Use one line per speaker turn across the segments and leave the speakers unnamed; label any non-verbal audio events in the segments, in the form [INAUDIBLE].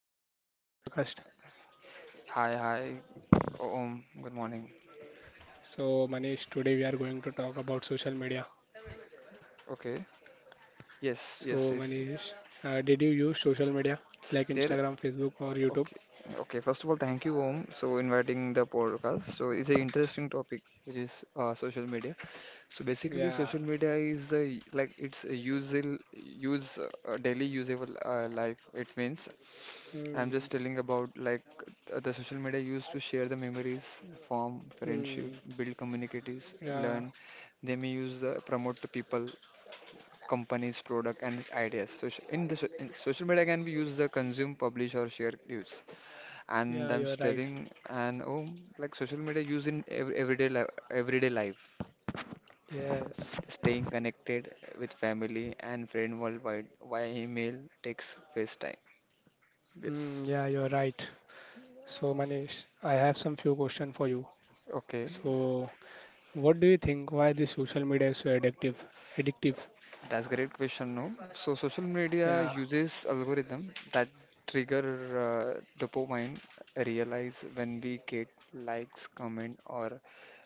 Welcome to our podcast.
hi, hi. Good morning.
So Manish, today we are going to talk about social media.
Okay. Yes, yes,
So
yes.
Manish, did you use social media like
There.
Instagram, Facebook, or
Okay.
YouTube?
Okay. First of all, thank you, Om, so inviting the podcast. So it's an interesting topic, which is social media. So basically, social
Yeah.
media is a, like it's a usal use daily usable life. It means I'm just
Hmm.
telling about like the social media used to share the memories, form friendship,
Hmm.
build communities, learn.
Yeah.
They may use promote to people companies, product, and ideas. So in social media, can be used the consume, publish, or share news? And
Yeah,
I'm
you're right.
studying and oh, like social media used in everyday life,
Yes.
staying connected with family and friend worldwide via email, text, FaceTime.
Hmm.
Yes.
Yeah, you're right. So Manish, I have some few questions for you.
Okay.
So what do you think? Why this social media is so addictive? Addictive.
That's great question, no? So social media
Yeah.
uses algorithm that trigger dopamine realize when we get likes, comment, or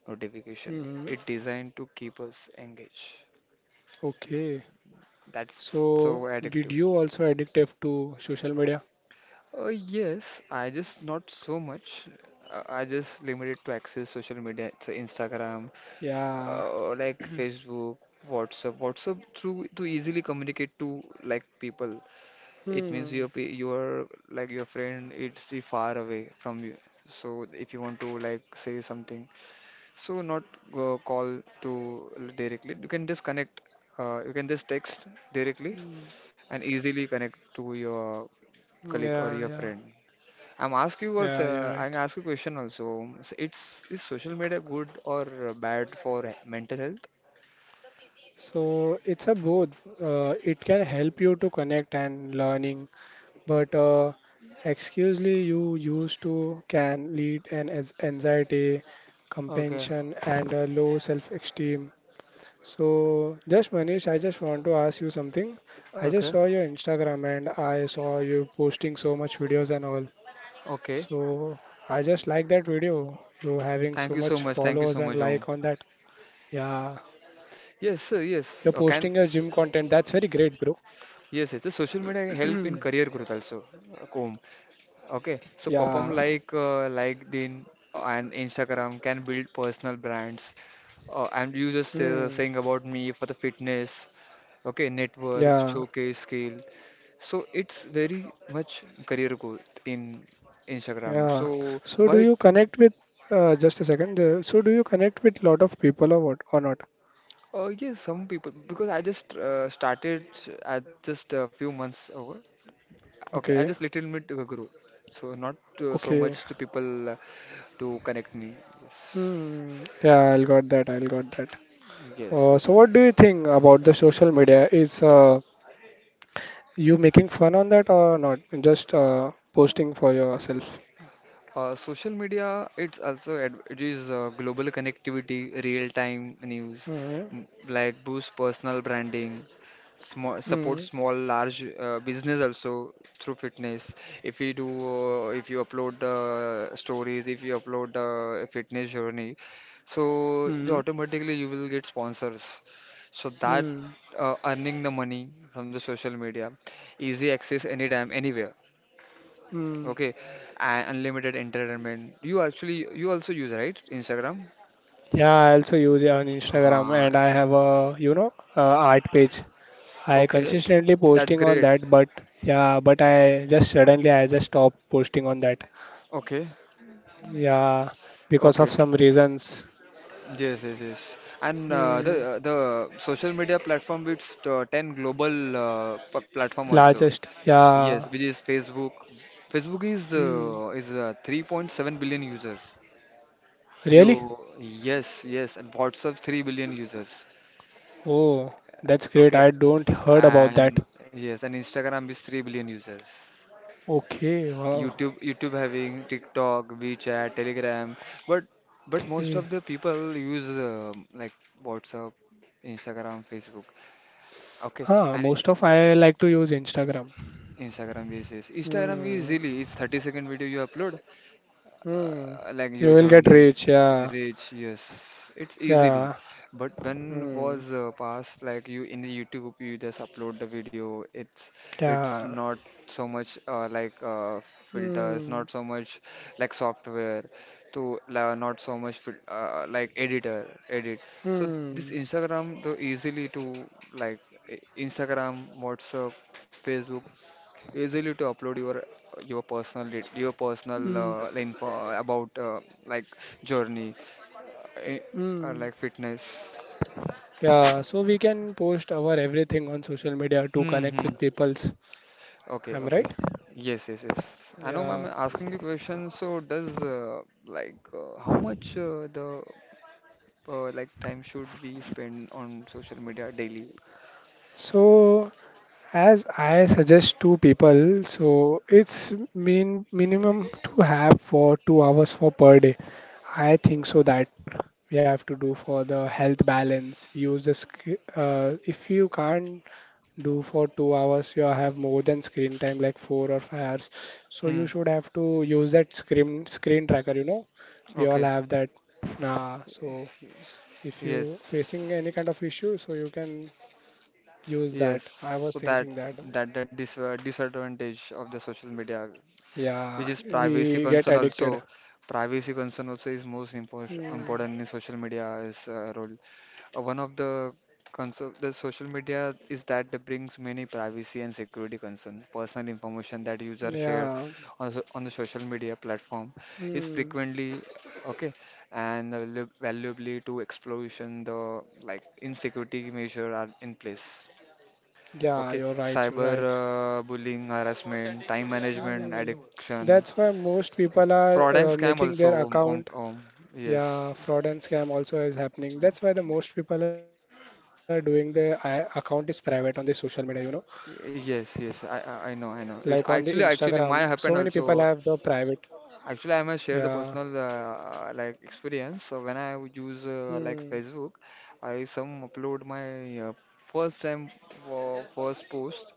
notification.
Hmm.
It designed to keep us engaged.
Okay.
That's so
So,
addictive.
did you also addictive to social media?
Yes, I just not so much. I just limited to access social media. It's Instagram,
Yeah.
like
[CLEARS THROAT]
Facebook, WhatsApp. WhatsApp through to easily communicate to like people. It means
Hmm.
your like your friend it's the far away from you. So if you want to like say something, so not call to directly. You can just connect. You can just text directly
Hmm.
and easily connect to your colleague
Yeah,
or your
yeah,
friend. I'm asking you also.
yeah, you're
I'm
right.
ask you a question also. So it's is social media good or bad for mental health?
So it's a both. It can help you to connect and learning, but excusely you used to can lead an as anxiety,
Okay,
compension, and a low self-esteem. So, just Manish, I just want to ask you something. I
okay.
just saw your Instagram and I saw you posting so much videos and all.
Okay.
So, I just like that video. You having
Thank you
so
so
much
much. Thank you so
followers
much,
and
Om.
like on that. Yeah, you're
Yes, sir.
posting your gym
Yes.
content.
Can
That's very great, bro.
Yes, yes. The social media
[CLEARS THROAT]
help in career growth also. Comb. Okay.
Yeah.
So perform like LinkedIn and Instagram can build personal brands. And you just
Hmm.
saying about me for the fitness. Okay,
Yeah.
network, showcase skill. So it's very much career growth in Instagram.
Yeah.
So
So, do
why?
you connect with just a second? So, do you connect with lot of people or what or not?
Yes, some people because I just started at just a few months ago. Okay, I
Okay.
just little bit grew, so not so
Okay.
much to people to connect me. Yes,
Hmm. Yeah, I'll got that.
yes,
So
yes.
what do you think about the social media? Is you making fun on that or not? Just posting for yourself.
Social media, it's also ad- it is global connectivity, real-time news,
Mm-hmm.
like boost personal branding,
Mm-hmm.
small large business also through fitness. If you do, if you upload stories, if you upload a fitness journey, so the
Mm-hmm.
automatically you will get sponsors. So that
Mm-hmm.
earning the money from the social media, easy access anytime, anywhere.
Mm.
Okay, and unlimited entertainment. You also use, right, Instagram?
Yeah, I also use it on Instagram
Uh,
and I have a art page. I
okay,
consistently
that's
posting on
great.
that, but yeah, but I just suddenly I just stopped posting on that.
Okay,
Yeah, because of
okay.
some reasons.
Yes, yes, yes. And uh, the
Mm.
uh, the social media platform with 10 global platform also.
Largest.
Yes,
Yeah.
which is Facebook. Facebook is
Mm.
uh, is uh, 3.7 billion users.
Really?
You yes, yes, and WhatsApp 3 billion users.
Oh, that's great.
Okay,
I don't heard about
and
that.
yes, and Instagram is 3 billion users.
Okay, wow.
YouTube having TikTok, WeChat, Telegram, but but most
Okay.
of the people use like WhatsApp, Instagram, Facebook. Okay,
Huh, most
and
of I like to use Instagram.
Instagram is Instagram is
Hmm.
really it's 30-second video you upload
Hmm.
like your
You will get
journey
rich. Yeah.
reach yes it's easily
Yeah.
but when
Hmm.
was past like you in the YouTube you just upload the video it's
Yeah.
not so much like filters
Hmm.
not so much like software to la not so much fil like editor edit so this
Hmm.
Instagram though easily to like Instagram WhatsApp Facebook easily to upload your personal your personal
Hmm.
info about like journey uh, or
Hmm.
like fitness.
Yeah. So we can post our everything on social media to
Hmm.
connect
Hmm.
with peoples.
Okay,
I'm
okay.
right.
Yes, yes, yes. I know, ma'am,
Yeah.
asking you question. So, does like how much the like time should we spend on social media daily?
So as I suggest to people, so it's mean minimum to have for 2 hours for per day. I think so that we have to do for the health balance. If you can't do for 2 hours, you have more than screen time like 4 or 5 hours. So you
Hmm.
should have to use that screen tracker. You know, we all
Okay.
have that. Nah, so if you facing
Yes.
any kind of issue, so you can use
Yes.
that. I was
So that
thinking that.
that that dis uh, disadvantage of the social media which
Yeah,
is privacy
we get
concern also.
addicted.
Privacy concern also is most
Mm,
important in social media's role. One of the concern the social media is that it brings many privacy and security concern. Personal information that users share
yeah,
on the social media platform is
mm,
frequently okay and valuably to exploration the like insecurity measure are in place.
yeah,
Okay,
you're right, you're
cyber
right.
bullying, harassment, time management,
Mm,
addiction,
that's why most people are
fraud and scam
making their
also. Um, um,
account.
um,
Yeah,
yes,
fraud and scam also is happening. That's why the most people are doing their account is private on the social media, you know,
yes, yes. I
like
know,
on
I
the
know. It's actually,
Instagram. So
actually,
many
my
people
happened
have the
also.
private.
Actually, I must
Yeah.
share the personal like experience. So when I would use like
Hmm.
Facebook, I some upload my first time first post.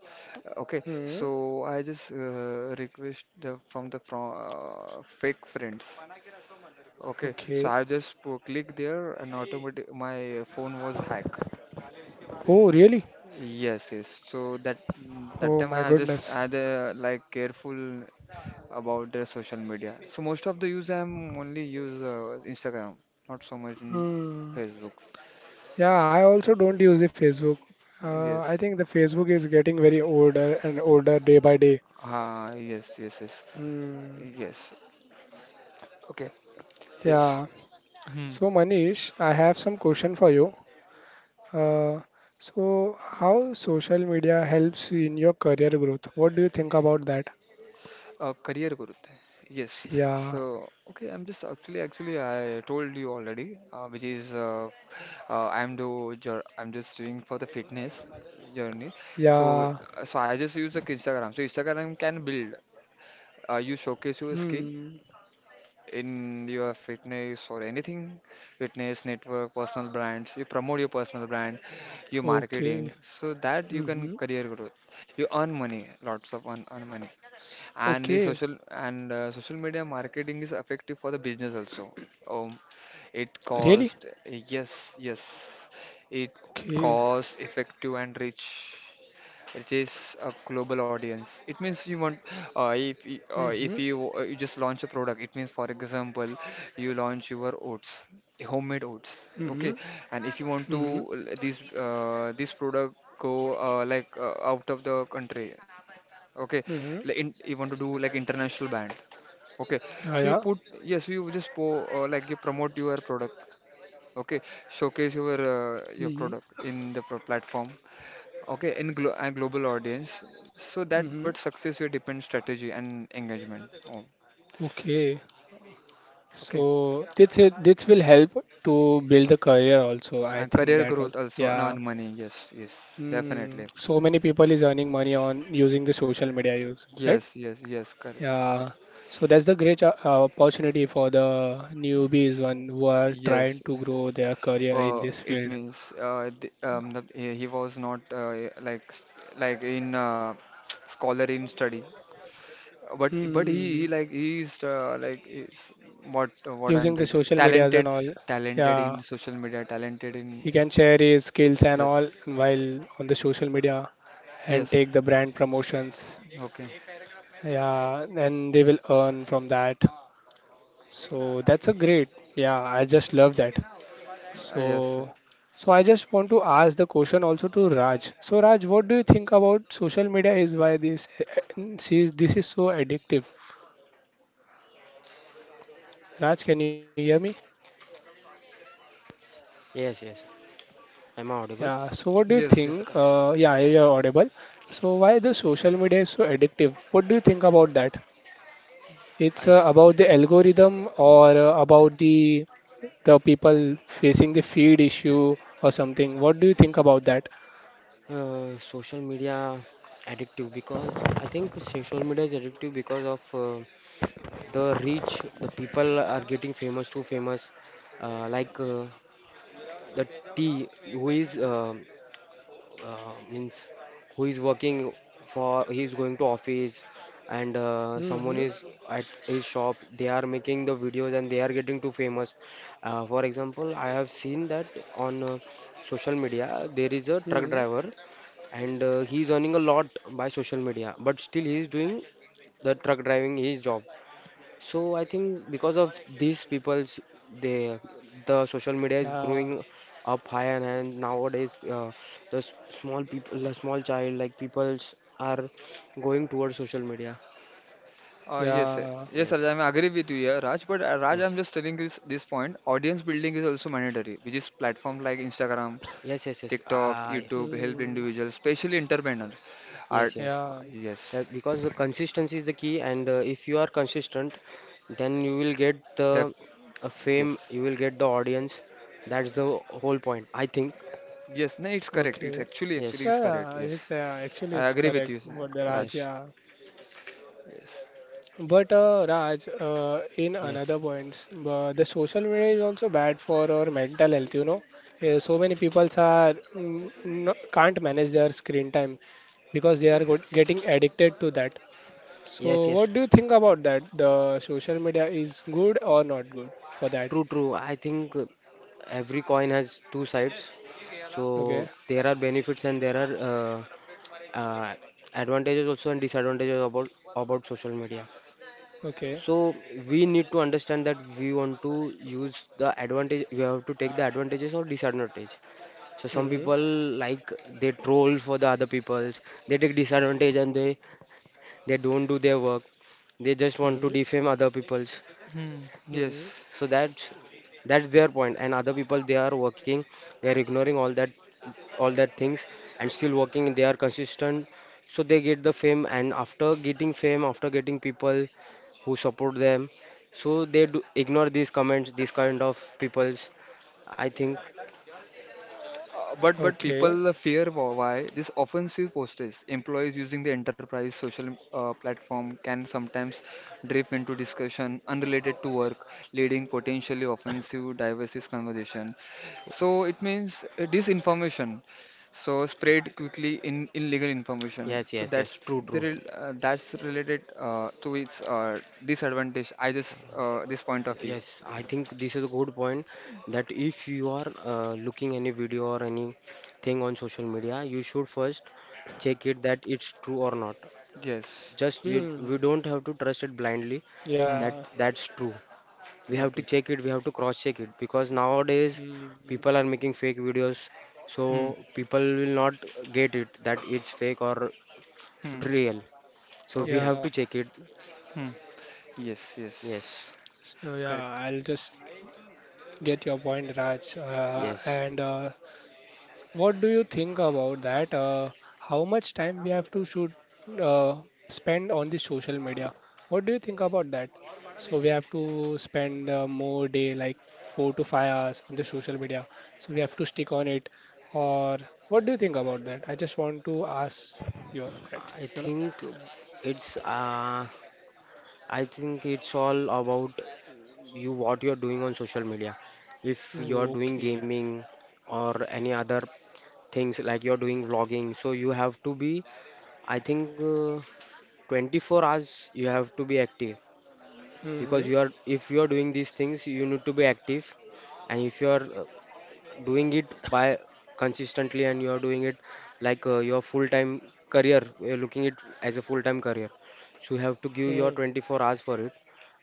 Okay,
Hmm.
so I just request the, from fake friends. Okay, so
Okay.
I just click there and automatic my phone was hacked.
Oh, really?
Yes, yes. So that
Oh
time
my
I just
goodness.
had like careful about the social media. So most of the use I'm only use Instagram, not so much in
Hmm.
Facebook.
Yeah, I also don't use the Facebook. I
Yes.
think the Facebook is getting very older and older day by day.
Ah, yes, yes, yes,
Hmm.
yes. Okay. Yes.
Yeah.
Hmm.
So Manish, I have some question for you. Uh, so how social media helps in your career growth? What do you think about that?
Career growth. Yes.
Yeah.
So, okay, I'm just actually, I told you already, which is I'm just doing for the fitness journey.
Yeah.
So, so I just use like Instagram. So Instagram can build. You showcase your skill
Hmm.
in your fitness or anything, fitness network, personal brands. You promote your personal brand, your
Okay.
marketing. So that you can
Mm-hmm.
career growth. You earn money, lots of earn money and the
Okay.
social and social media marketing is effective for the business also um, it
Really?
cost yes, yes, it
Okay.
cost effective and rich, it is a global audience. It means you want
Mm-hmm.
if you just launch a product, it means for example you launch your oats, homemade oats.
Mm-hmm.
Okay, and if you want to
Mm-hmm.
this product go like out of the country. Okay,
Mm-hmm.
you want to do like international band. Okay,
Yeah,
so you
yeah.
put yes, you just po like you promote your product. Okay, showcase your
Mm-hmm.
product in the pro platform. Okay, in global audience. So that but
Mm-hmm.
success will depend strategy and engagement. Oh,
Okay.
okay,
So this will help to build a career also. I
and
think
career
that all.
growth also and
Yeah.
on money. Yes, yes,
Mm,
definitely.
so many people is earning money on using the social media use, right?
Yes, yes, yes, correct.
Yeah. So that's the great opportunity for the newbies one who are trying
Yes.
to grow their career in
Uh,
this
it
field.
means he was not like like in [TSK] scholar in study. But he
Hmm.
like he is what I'm
Using
doing,
the social medias
talented,
and all.
talented in
Yeah.
social media, talented in
He can share his skills and
yes,
all while on the social media and
yes,
take the brand promotions.
okay,
Yeah, and they will earn from that. So that's a great. Yeah, I just love that.
yes,
So, so I just want to ask the question also to Raj. So Raj, what do you think about social media is why this is so addictive? Raj, can you hear me?
Yes, yes, I'm
Yeah.
audible.
So what do you
yes,
think?
yes, Raj.
Yeah, you're audible. So why the social media is so addictive? What do you think about that? It's
I th-
about the algorithm or about the people facing the feed issue or something. What do you think about that?
Social media addictive because I think social media is addictive because of the reach. The people are getting famous too famous, uh, like uh, the T who is means who is working for he is going to office and someone
Hmm.
is at his shop, they are making the videos and they are getting too famous. For example, I have seen that on social media there is a truck
Hmm.
driver and he is earning a lot by social media, but still he is doing the truck driving, his job. So I think because of these people's, they the social media is
Yeah.
growing up high and, high, and nowadays the small people, the small child like peoples are going towards social media.
Yes,
Yeah.
yes, Raj,
Yes,
I'm agree with you here, Raj, but Raj,
yes,
I'm just telling this point, audience building is also mandatory, which is platforms like Instagram,
yes, yes, yes.
TikTok,
Ah,
YouTube help
Mm.
individuals, especially entrepreneurs, are
yes, yes.
Yeah.
yes,
Because the consistency is the key, and if you are consistent, then you will get
def,
the fame.
yes,
You will get the audience. That's the whole point, I think.
yes. No, it's correct. It's
Okay.
actually
Yes,
Yeah,
it's correct.
yeah,
Yes,
it's actually
I
it's
agree with
correct
you,
what the Raj.
Raj.
yes,
Yeah.
Yes.
But Raj, in another
yes.
points, the social media is also bad for our mental health. You know, so many people are can't manage their screen time because they are go getting addicted to that. So,
Yes, yes.
what do you think about that? The social media is good or not good for that?
True, true. I think every coin has two sides.
Okay,
So there are benefits and there are uh, advantages also and disadvantages about social media.
okay,
So we need to understand that we want to use the advantage. We have to take the advantages or disadvantage. So some
hmm,
people like, they troll for the other people's. They take disadvantage and they don't do their work. They just want
hmm,
to defame other people's.
Hmm.
hmm,
Yes.
So that's their point. And other people, they are working, they are ignoring all that things and still working. They are consistent, so they get the fame. And after getting fame, after getting people who support them, so they do ignore these comments, these kind of peoples, I think.
But
okay,
people fear why this offensive postage employees using the enterprise social platform can sometimes drift into discussion unrelated to work, leading potentially offensive diverse conversation, so it means disinformation, so spread quickly in illegal information,
Yes,
so
yes, yes.
that's
True,
the
true.
rel- uh, that's related to its disadvantage. I just uh, this point of view.
Yes, I think this is a good point that if you are looking any video or anything on social media, you should first check it that it's true or not.
Yes.
Just we
hmm,
don't have to trust it blindly.
Hmm.
That
yeah,
that's true. We have to
Okay.
check it. We have to cross check it because nowadays
hmm,
people are making fake videos, so
Hmm.
people will not get it that it's fake or
Hmm.
real. So we
Okay.
have
yeah.
to check it.
Hmm. Yes,
Yes,
yes,
So yeah,
correct.
I'll just get your point, Raj.
yes.
And What do you think about that? How much time we have to shoot, uh, Spend on the social media? What do you think about that? So we have to spend more day, like 4 to 5 hours on the social media. So we have to stick on it. Or what do you think about that? I just want to ask your that,
I
you
think it's uh, I think it's all about you, what you're doing on social media. If you're
know.
doing
Okay.
gaming or any other things, like you're doing vlogging, so you have to be, I think, 24 hours you have to be active
Mm-hmm.
because you are if you are doing these things, you need to be active. And if you are doing it by consistently and you are doing it like your full time career, you're looking it as a full time career, so you have to give your
Mm-hmm.
24 hours for it.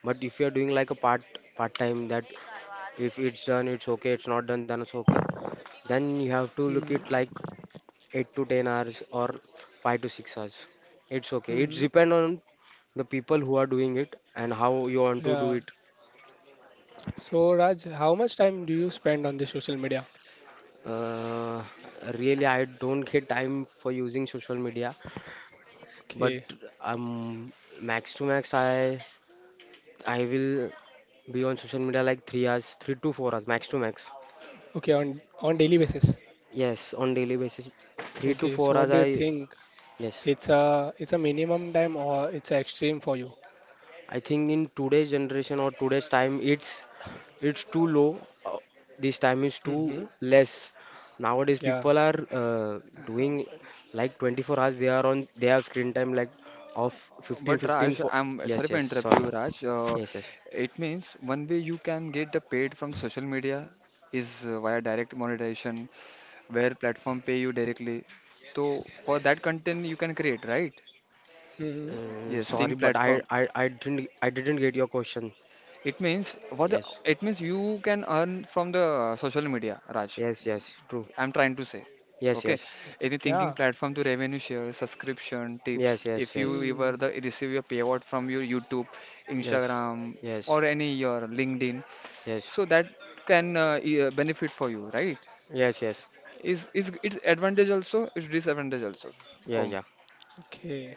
But if you are doing like a part time, that if it's done it's okay, it's not done then it's okay, then you have to look
Mm-hmm.
it like 8 to 10 hours or 5 to 6 hours. It's okay. It's
Mm-hmm.
depend on the people who are doing it and how you want to do
Yeah.
it.
So Raj, how much time do you spend on the social media?
Uh, Really, I don't get time for using social media, but
Okay,
um, max to max, I will be on social media like 3 hours, 3 to 4 hours, max to max.
okay, on daily basis.
Yes, on daily basis, three to
Okay, so
four
what
hours.
do you
I
think?
yes.
It's a minimum time or it's a extreme for you?
I think in today's generation or today's time, it's too low. This time is
Mm-hmm.
too less. Nowadays,
Yeah.
people are
Um,
doing like 24 hours. They are on. They have screen time like of 15,
But
15
Raj,
for.
I'm sorry
Yes,
for
yes.
interrupt
Sorry.
you, Raj. Uh,
Yes, yes.
it means one way you can get the paid from the social media is via direct monetization, where platform pay you directly. So for that content you can create, right?
Mm-hmm.
Yes, think
Sorry, but
platform.
I didn't, I didn't get your question.
It means what?
Yes,
It means you can earn from the social media, Raj.
yes, yes. True.
I'm trying to say.
Yes,
Okay.
yes.
Any thinking
Yeah.
platform to revenue share, subscription, tips.
Yes, yes,
If you
yes.
ever
Hmm.
the receive your payout from your YouTube,
Yes,
Instagram,
yes,
or any your LinkedIn,
yes.
so that can benefit for you, right?
Yes, yes.
Is it's advantage also? It's disadvantage also.
Yeah,
Oh,
yeah.
Okay.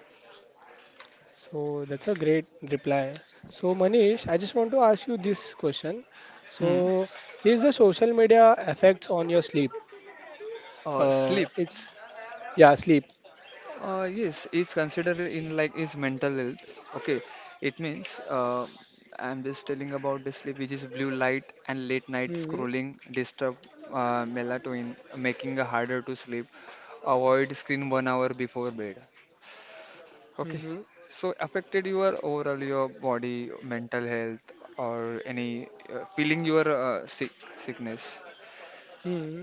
So that's a great reply. So Manish, I just want to ask you this question.
hmm.
So is the social media effects on your sleep?
Uh, sleep.
It's Yeah, sleep.
Yes, it's considered in like is mental health. Okay, it means I'm just telling about the sleep, which is blue light and late night
Mm-hmm.
scrolling disturb melatonin, making it harder to sleep. Avoid screen 1 hour before bed. Okay,
Mm-hmm.
so affected your overall your body, mental health, or any feeling your sickness.
Mm-hmm.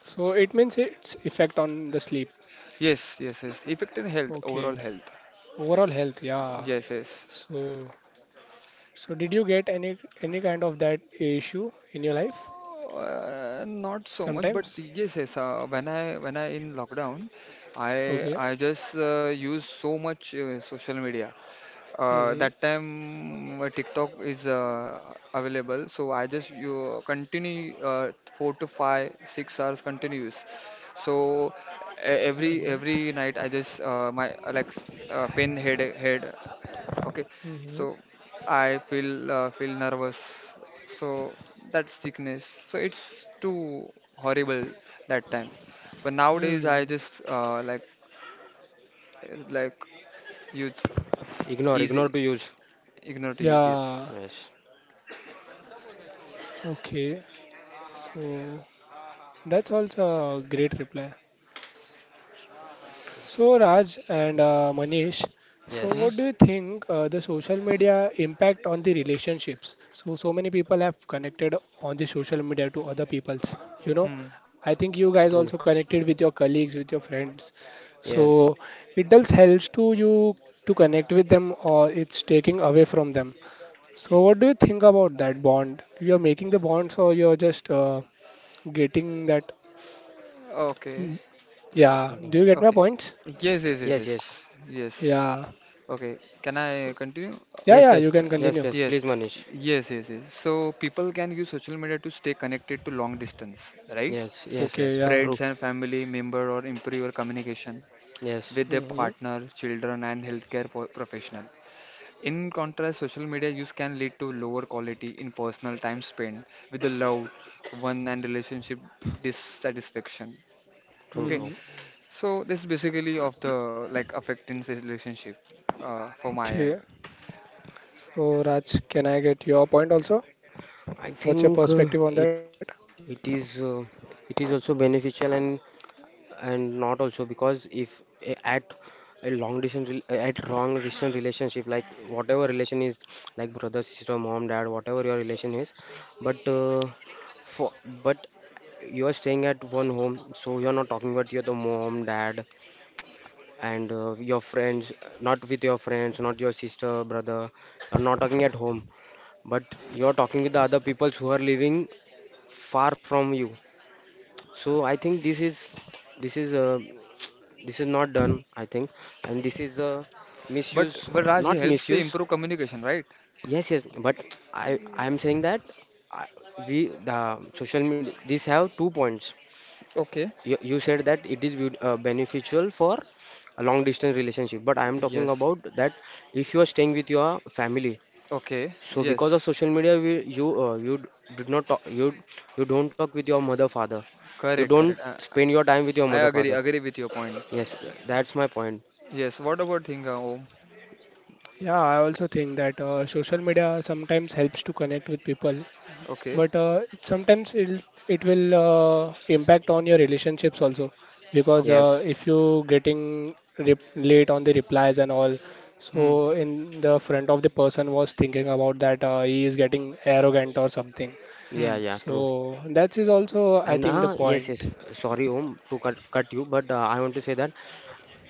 So it means its effect on the sleep.
Yes, yes, yes. Affected health, overall
Okay.
health.
Overall health, yeah.
Yes, yes.
So so did you get any kind of that issue in your life
Not so much, but
sometimes?
yes, yes. When I in lockdown, I
Okay.
I just use so much social media. Uh,
Mm-hmm.
that time TikTok is available, so I just you continue 4 to 5, 6 hours continuous. So every
Mm-hmm.
night I just my like pain head. Okay,
Mm-hmm.
so I feel nervous. So that's sickness. So it's too horrible that time. But nowadays I
Mm.
just like like use
Ignore, ignore
easy
to use.
ignore to use.
Yeah.
Yes.
Yes.
Okay. So that's also a great reply. So, Raj and Manish, so
Hmm.
what
Yes,
do you think the social media impact on the relationships? So, so many people have connected on the social media to other people's. You know,
Hmm.
I think you guys also
true.
connected with your colleagues, with your friends.
Yes.
So, it does helps to you to connect with them, or it's taking away from them. So, what do you think about that bond? You're making the bonds, or you're just getting that?
Okay.
Hmm.
Okay,
Yeah.
okay.
Do you get my
Okay.
points?
Yes. Yes. Yes.
Yes,
Yes.
yes.
Yes.
Yeah.
Okay. Can I
So,
continue?
yeah,
Yes,
yeah, you
yes.
can
Yes,
continue.
yes.
Yes,
Please, Manish.
yes, yes, yes. So people can use social media to stay connected to long distance, right?
Yes, yes,
Okay,
yes.
yeah.
True.
Friends and family member, or improve your communication
Yes,
with their
Mm-hmm.
partner, children, and healthcare professional. In contrast, social media use can lead to lower quality in personal time spent with the loved one and relationship dissatisfaction.
true,
Okay,
Mm-hmm.
true.
so this is basically of the like affecting the relationship for my end.
Okay. So, Raj, can I get your point also?
I
What's your
think uh,
perspective on that?
it it is uh, it is also beneficial and not also because if at a long distance at wrong distance relationship, like whatever relation is, like brother sister mom dad, whatever your relation is, but for but you are staying at one home, so you're not talking about your the mom dad and your friends, not with your friends, not your sister brother, you're not talking at home, but you're talking with the other people who are living far from you. So I think this is uh, this is not done, I think. And this is the
But
misuse,
but Raj, it
not
helps to
misuse,
improve communication, right?
yes yes. But I am saying that I, we the social media, these have 2 points.
Okay.
You said that it is good, beneficial for a long distance relationship, but I am talking
Yes.
about that if you are staying with your family,
Okay.
so because of
Yes.
social media, we, you you d- did not talk you you don't talk with your mother father, you
Correct.
don't
Correct.
spend your time with your
I
mother
agree.
father.
Agree with your point.
Yes, that's my point.
Yes, what about Thinga? Oh,
Yeah, I also think that social media sometimes helps to connect with people,
okay,
but it will impact on your relationships also because
okay.
Yes.
if you getting rep late on the replies and all,
Hmm,
so in the front of the person was thinking about that he is getting arrogant or something.
hmm,
Yeah, yeah, true.
So that is also,
And
I think, the
yes, yes.
point.
Sorry, Om, to cut you, but I want to say that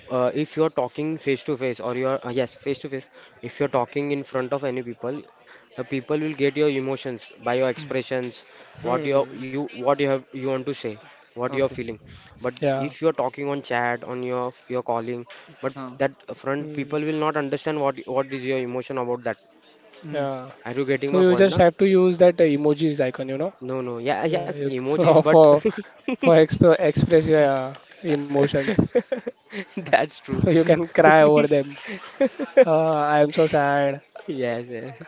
if you're talking face to face or you're yes, face to face, if you're talking in front of any people, the people will get your emotions by your
hmm.
expressions, what you
Hmm.
you what you have you want to say, what you're
Okay,
feeling. But
Yeah.
if you're talking on chat, on your calling, but
huh.
that front
Hmm.
people will not understand what is your emotion about that.
Hmm.
Yeah.
Are you getting
So
my
you
point,
just
na?
have to use that emojis icon, you know,
No, no. Yeah,
yeah,
yes,
you, [LAUGHS]
emojis,
for
but
for
[LAUGHS]
express your
[LAUGHS]
emotions.
[LAUGHS] that's true.
So you can
[LAUGHS]
cry over them. I am so sad.
Yes, yes.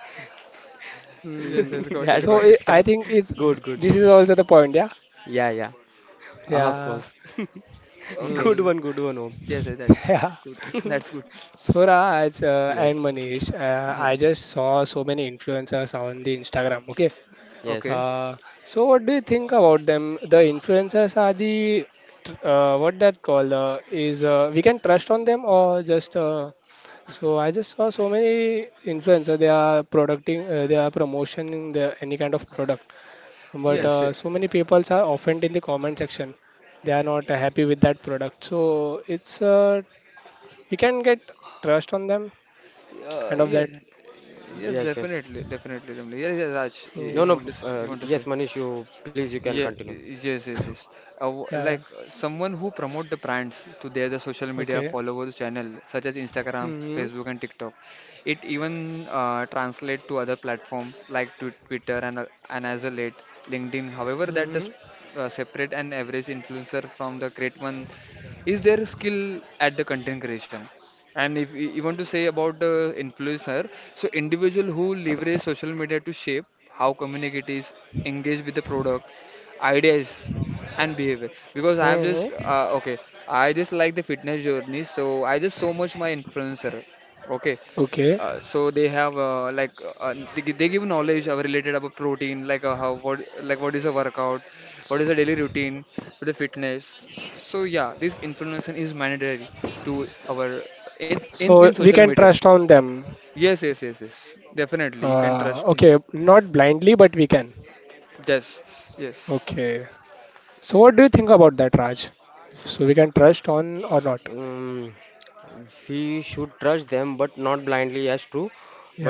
Hmm.
Yes, yes,
[LAUGHS]
got it,
That,
So
got it.
I
that
think it's
good, good
this
job.
is also the point. Yeah.
Yeah, yeah. Of
Yeah.
course. [LAUGHS]
Okay.
Hmm.
Good one, Om.
Yes, yes, that's
[LAUGHS] Yeah.
good. That's
[LAUGHS]
good.
Swaraj and
Yes,
Manish,
Yeah.
I just saw so many influencers on the Instagram. Okay,
Okay.
yes,
uh, so what do you think about them? The influencers are the tr- what that called is we can trust on them or just so I just saw so many influencers. They are producting, they are promotioning the, any kind of product, but
Yes.
yes,
Eh,
so many people are offended in the comment section. They are not happy with that product. So it's we can get trust on them
uh,
kind of
yeah.
that.
Yes,
yes, yes.
definitely, definitely, definitely. Yes, yes, Raj,
No,
if
no.
you
So
want to say, you want to
Yes,
say.
Manish, you please you can
Yeah,
continue.
yes, yes, yes. Uh, w-
yeah, yeah.
like uh, someone who promote the brands to their the social media
Okay.
followers channel such as Instagram,
Mm-hmm.
Facebook, and TikTok. It even translate to other platform like Twitter and as a late LinkedIn. However, that
Mm-hmm.
does separate an average influencer from the great one is their skill at the content creation. And if you want to say about the influencer, so individual who leverage social media to shape how community is engage with the product, ideas, and behavior. Because
Mm-hmm.
I just like the fitness journey, so I just so much my influencer. Okay,
Okay.
so they have they give knowledge related about protein, like how what like what is a workout, what is a daily routine for the fitness. So yeah, this influencer is mandatory to our in
So we
social
can
media.
trust on them.
Yes, yes, yes, yes, definitely you can trust him.
Okay, not blindly, but we can.
Yes, yes,
Okay. So what do you think about that, Raj? So we can trust on or not?
Um, we should trust them, but not blindly. As true,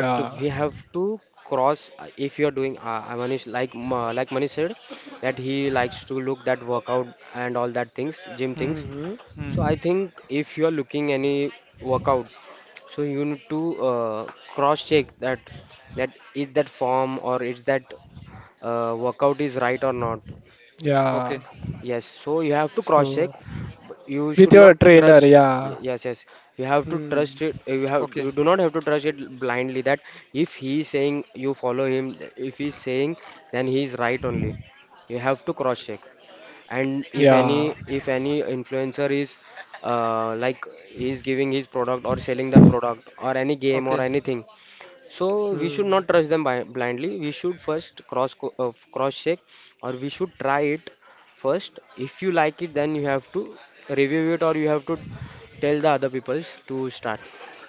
but we have to cross. If you are doing, Manish, like Manish said, that he likes to look that workout and all that things, gym
hmm.
things.
Mm-hmm.
Hmm.
So I think if you are looking any workout, so you need to cross check that, that is that form or is that workout is right or not.
Okay.
Yeah.
Yes, so you have to cross check.
So
You
with
should
your
not
trainer,
trust.
yeah.
Yes, yes, you have to
Hmm.
trust it. You have,
Okay,
you do not have to trust it blindly. That if he is saying you follow him, if he is saying, then he is right only. You have to cross check. And if
Yeah.
any, if any influencer is uh, like is giving his product or selling the product or any game
okay,
or anything, so we should
Hmm.
not trust them blindly. We should first cross check, or we should try it first. If you like it, then you have to review it, or you have to tell the other peoples to start.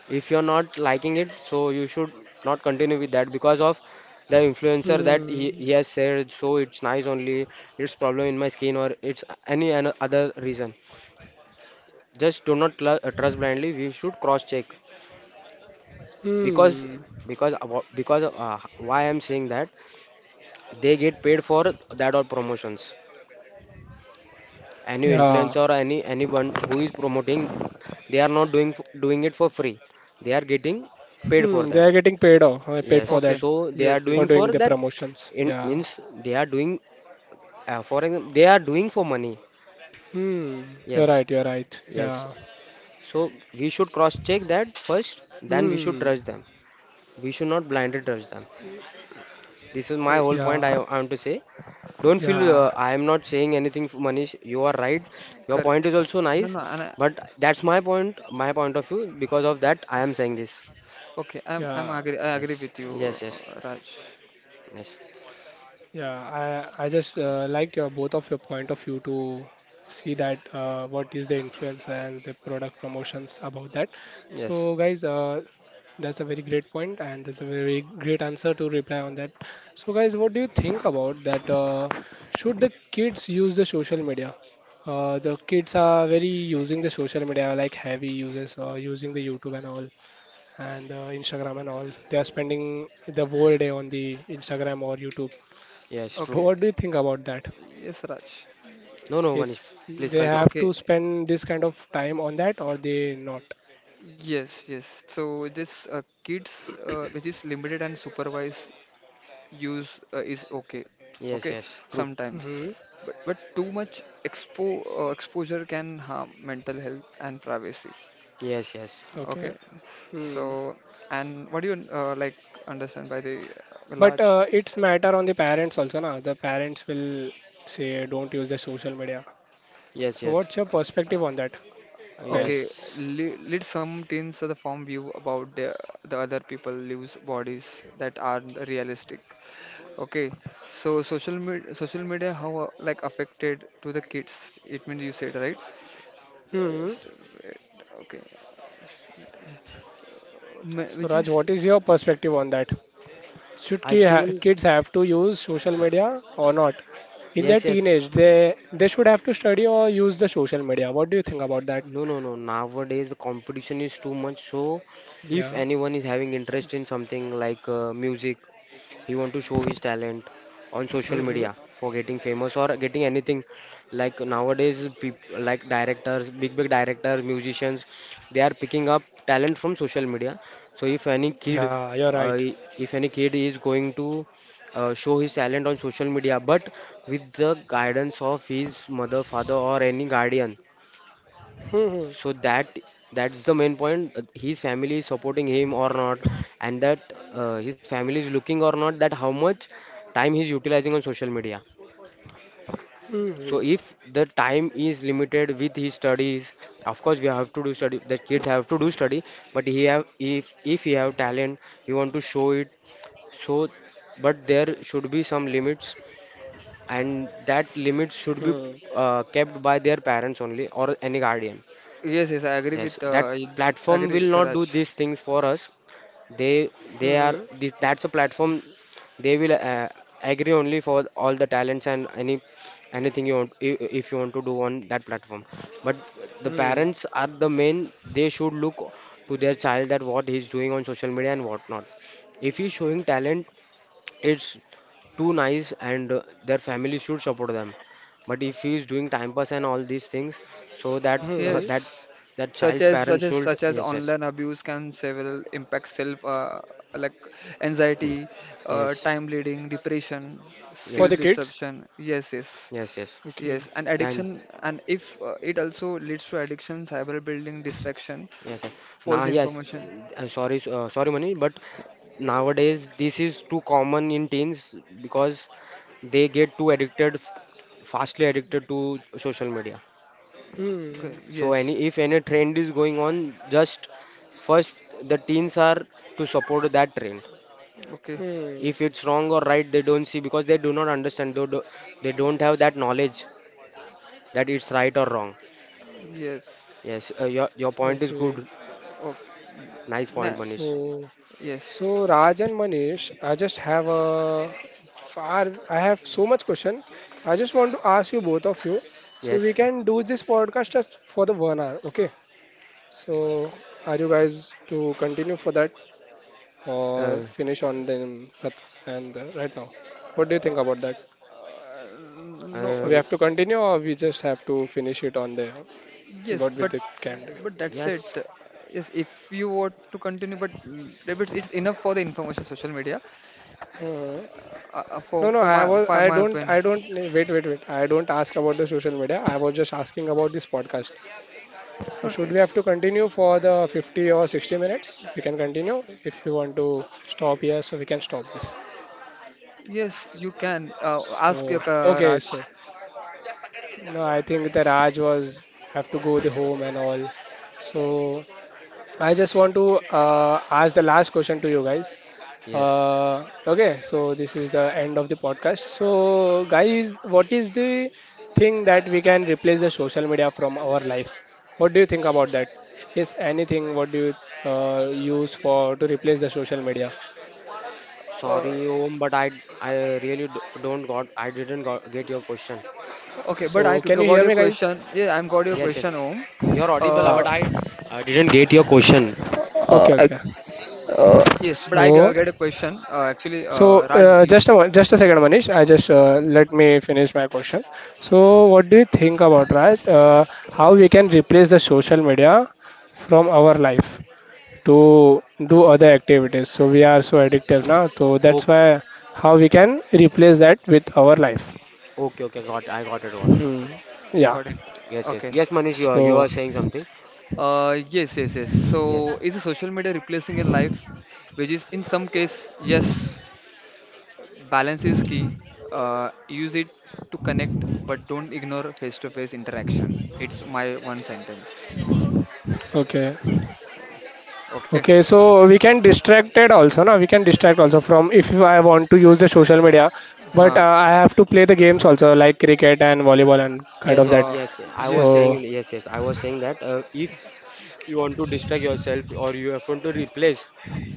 If you're not liking it, so you should not continue with that because of the influencer that he,
Hmm.
he has said. So it's nice only. It's problem in my skin, or it's any other reason. Just do not trust blindly. We should cross check because
Hmm.
why I'm saying that they get paid for that or promotions. Any
Yeah.
influencer or any anyone who is promoting, they are not doing doing it for free. They are getting paid for
Hmm, they
that.
are getting paid off, paid
Yes,
for that,
okay.
so they are
Yes,
for
doing
yes.
for
doing the
that.
promotions. Yeah.
Means they are doing for example they are doing for money.
Hmm, you're
Yes,
right, you're right.
yes.
Yeah.
So we should cross check that first. Then we should
Hmm.
trust them. We should not blindly trust them. This is
I,
my whole point.
Yeah.
I want to say, don't feel
Yeah.
I am not saying anything, Manish. You are right. Your point
correct.
is also
No,
nice,
no.
but that's my point of view. Because of that, I am saying this.
Okay, I'm
Yeah.
agree. I agree
Yes,
with you,
yes, yes,
Raj.
yes,
Yeah, I just liked your both of your point of view to see that what is the influencer and the product promotions about that.
yes,
So guys, that's a very great point and that's a very great answer to reply on that. So guys, what do you think about that? Should the kids use the social media? The kids are very using the social media like heavy users or using the YouTube and all and Instagram and all. They are spending the whole day on the Instagram or YouTube.
yes, true.
So
Okay.
what do you think about that?
Yes, Raj.
No, no, Manish,
It's
please
they
continue.
have
Okay.
to spend this kind of time on that or they not?
Yes, yes. So this kids, which is limited and supervised use, is okay.
Yes,
Okay,
yes, true.
sometimes.
Hmm.
But too much exposure can harm mental health and privacy.
Yes, yes,
Okay.
Okay.
Hmm.
So and what do you like understand by the
But
large?
it's matter on the parents also, na? The parents will say don't use the social media.
yes,
So
yes,
what's your perspective on that, guys?
Okay,
yes.
lead some teens to the form view about the other people lives bodies that aren't realistic. Okay, so social media, how like affected to the kids? It means you said right? Uh,
Hmm.
st- wait. Okay, st-
So
which
Raj,
is
what is your perspective on that? Should
I
ki ha
think,
kids have to use social media or not? In their
yes, yes.
teenage, they should have to study or use the social media. What do you think about that?
No, no, no. Nowadays, the competition is too much. So, if
Yeah.
anyone is having interest in something like music, he want to show his talent on social
Hmm.
media for getting famous or getting anything. Like nowadays, people like directors, big big directors, musicians, they are picking up talent from social media. So
Yeah, you're right.
uh, if any kid is going to show his talent on social media, but with the guidance of his mother, father, or any guardian,
Hmm.
so that that's the main point. His family is supporting him or not, and that his family is looking or not, that how much time he's utilizing on social media. So
Hmm.
if the time is limited with his studies, of course we have to do study. The kids have to do study, but he have, if he have talent, he want to show it. So, but there should be some limits, and that limits should be
Hmm.
kept by their parents only or any guardian.
yes, yes, I agree with
Yes, that
I
platform
agree,
will not
Karaj.
do these things for us. They they are
Hmm.
this, that's a platform, they will agree only for all the talents and any anything you want, if you want to do on that platform. But the
Hmm.
parents are the main, they should look to their child that what he's doing on social media and what not. If he's showing talent, it's too nice and their family should support them. But if he is doing time pass and all these things, so that uh,
Hmm.
that
Yes,
that child's parents should,
such as
yes yes
online abuse can several impact self like anxiety, time bleeding, depression,
For
self
the
yes
kids?
disruption. Yes, yes,
yes yes yes
Okay.
yes, and
and
addiction. And if it also leads to addiction, cyber building, distraction,
yes yes.
false
Now yes,
information.
sorry Mani, but nowadays this is too common in teens because they get too addicted, fastly addicted to social media.
Hmm.
Okay,
So
yes,
any, if any trend is going on, just first the teens are to support that trend.
okay,
Hmm.
If it's wrong or right, they don't see because they do not understand. They do- they don't have that knowledge that it's right or wrong. Yes,
yes,
your point is
Okay.
good.
okay.
Nice
Nah,
point, Manish.
So,
yes.
so Raj and Manish, I just have a far. I have so much question. I just want to ask you both of you, so we
Yes.
can do this podcast just for the 1 hour. Okay. So, are you guys to continue for that or
Uh,
finish on them at- and right now? What do you think about that?
Uh, uh,
So,
no.
we have to
uh,
continue or we just have to finish it on the
Yes,
what with the can do?
but that's it.
yes.
Yes, if you want to continue, but if it's, it's enough for the information social media.
Hmm.
Uh, uh, for
No, no,
for
I
my
was,
for my opinion.
I don't, wait, wait, wait. I don't ask about the social media. I was just asking about this podcast. So,
No,
should we have to
it's
continue for the 50 or 60 minutes? We can continue. If you want to stop here, so we can stop this.
yes, you can
So,
ask your
okay,
Raj.
No, I think the Raj was have to go the home and all. So I just want to ask the last question to you guys.
Yes.
Okay, so this is the end of the podcast. So guys, what is the thing that we can replace the social media from our life? What do you think about that? Is anything what do you use for to replace the social media?
Uh,
Sorry, Om, but I really d- don't got I didn't got, get your question.
okay, but I
So can you
got
hear
your
me, guys?
question. Yeah, I'm got your
Yes, yes.
question, Om.
You're audible,
Ha.
Uh,
but I didn't get your question.
Uh,
Okay, okay.
ex- yes, but I
So
get a question. Actually,
So
Raj, you
just a just a second, Manish. I just let me finish my question. So what do you think about Raj? How we can replace the social media from our life to do other activities? So we are so addictive now. So that's
Okay.
why how we can replace that with our life.
Okay, okay, got, I got it, got it, got it.
Hmm. Yeah.
got it.
Yes, yes,
Okay.
yes, Manish,
So
you are saying something.
Yes, yes, yes. So,
Yes,
is the social media replacing a life, which is in some case, yes, balance is key. Use it to connect, but don't ignore face-to-face interaction. It's my one sentence.
okay.
Okay.
Okay, so we can distract it also, no? We can distract also from if I want to use the social media, but
Huh.
I have to play the games also like cricket and volleyball and kind
yes,
of
yes,
that.
Uh,
yes. I was
yes,
saying
So,
yes.
yes, yes. I was saying that if you want to distract yourself or you have want to replace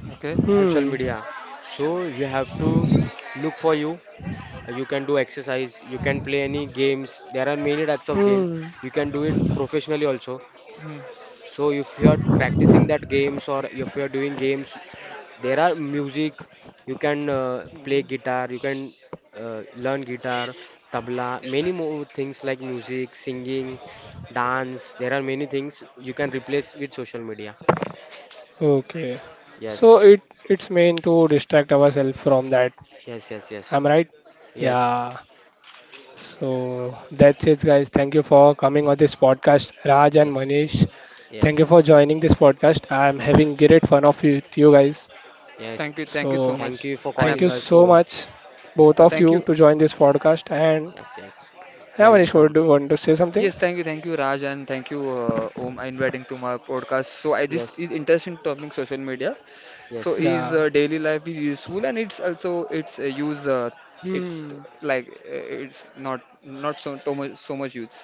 Okay.
social
hmm,
media, so you have to look for you. You can do exercise. You can play any games. There are many types of game.
hmm.
You can do it professionally also.
Hmm.
So if you are practicing that games or if you are doing games, there are music. You can play
Hmm.
guitar. You can learn guitar, tabla, many more things like music, singing, dance. There are many things you can replace with social media.
Okay. So
Yes,
it's meant to distract ourselves from that.
yes, yes, yes,
I'm right?
yes,
Yeah. So that's it, guys. Thank you for coming on this podcast, Raj and
yes,
Manish. Thank
yes,
you for joining this podcast. I'm having great fun of you, with you guys.
yes.
Thank
So
you so
Thank
much,
you for
and I,
thank
calling
you
us
so
home.
much, both of
thank
you,
you.
to join this podcast. And
Yes, yes.
yeah, Manish,
Welcome.
would you want to say something?
Yes, thank you, Raj, and thank you, Om, inviting to my podcast. So, this
Yes,
is interesting topic, social media. So
yes,
is
Yeah.
daily life is useful, and it's also its use it's t-
Hmm.
like it's not so too much so much use.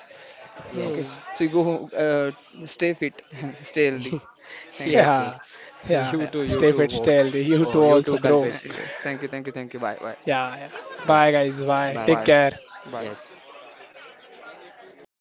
Okay,
yes.
Hmm.
so you go stay fit, [LAUGHS] stay healthy.
[LAUGHS]
Thank you.
Yes,
Yeah.
yes. [LAUGHS]
Yeah, yeah.
You
Stay
too,
fit,
Om.
stay healthy. You too,
Oh, you
also,
too,
bro.
[LAUGHS]
Kalpesh.
Yes, thank you, thank you, thank you. Bye, bye,
Yeah. Yeah.
Yeah.
Bye, guys. Bye.
Bye
Take
bye.
bye,
care.
bye.
Yes.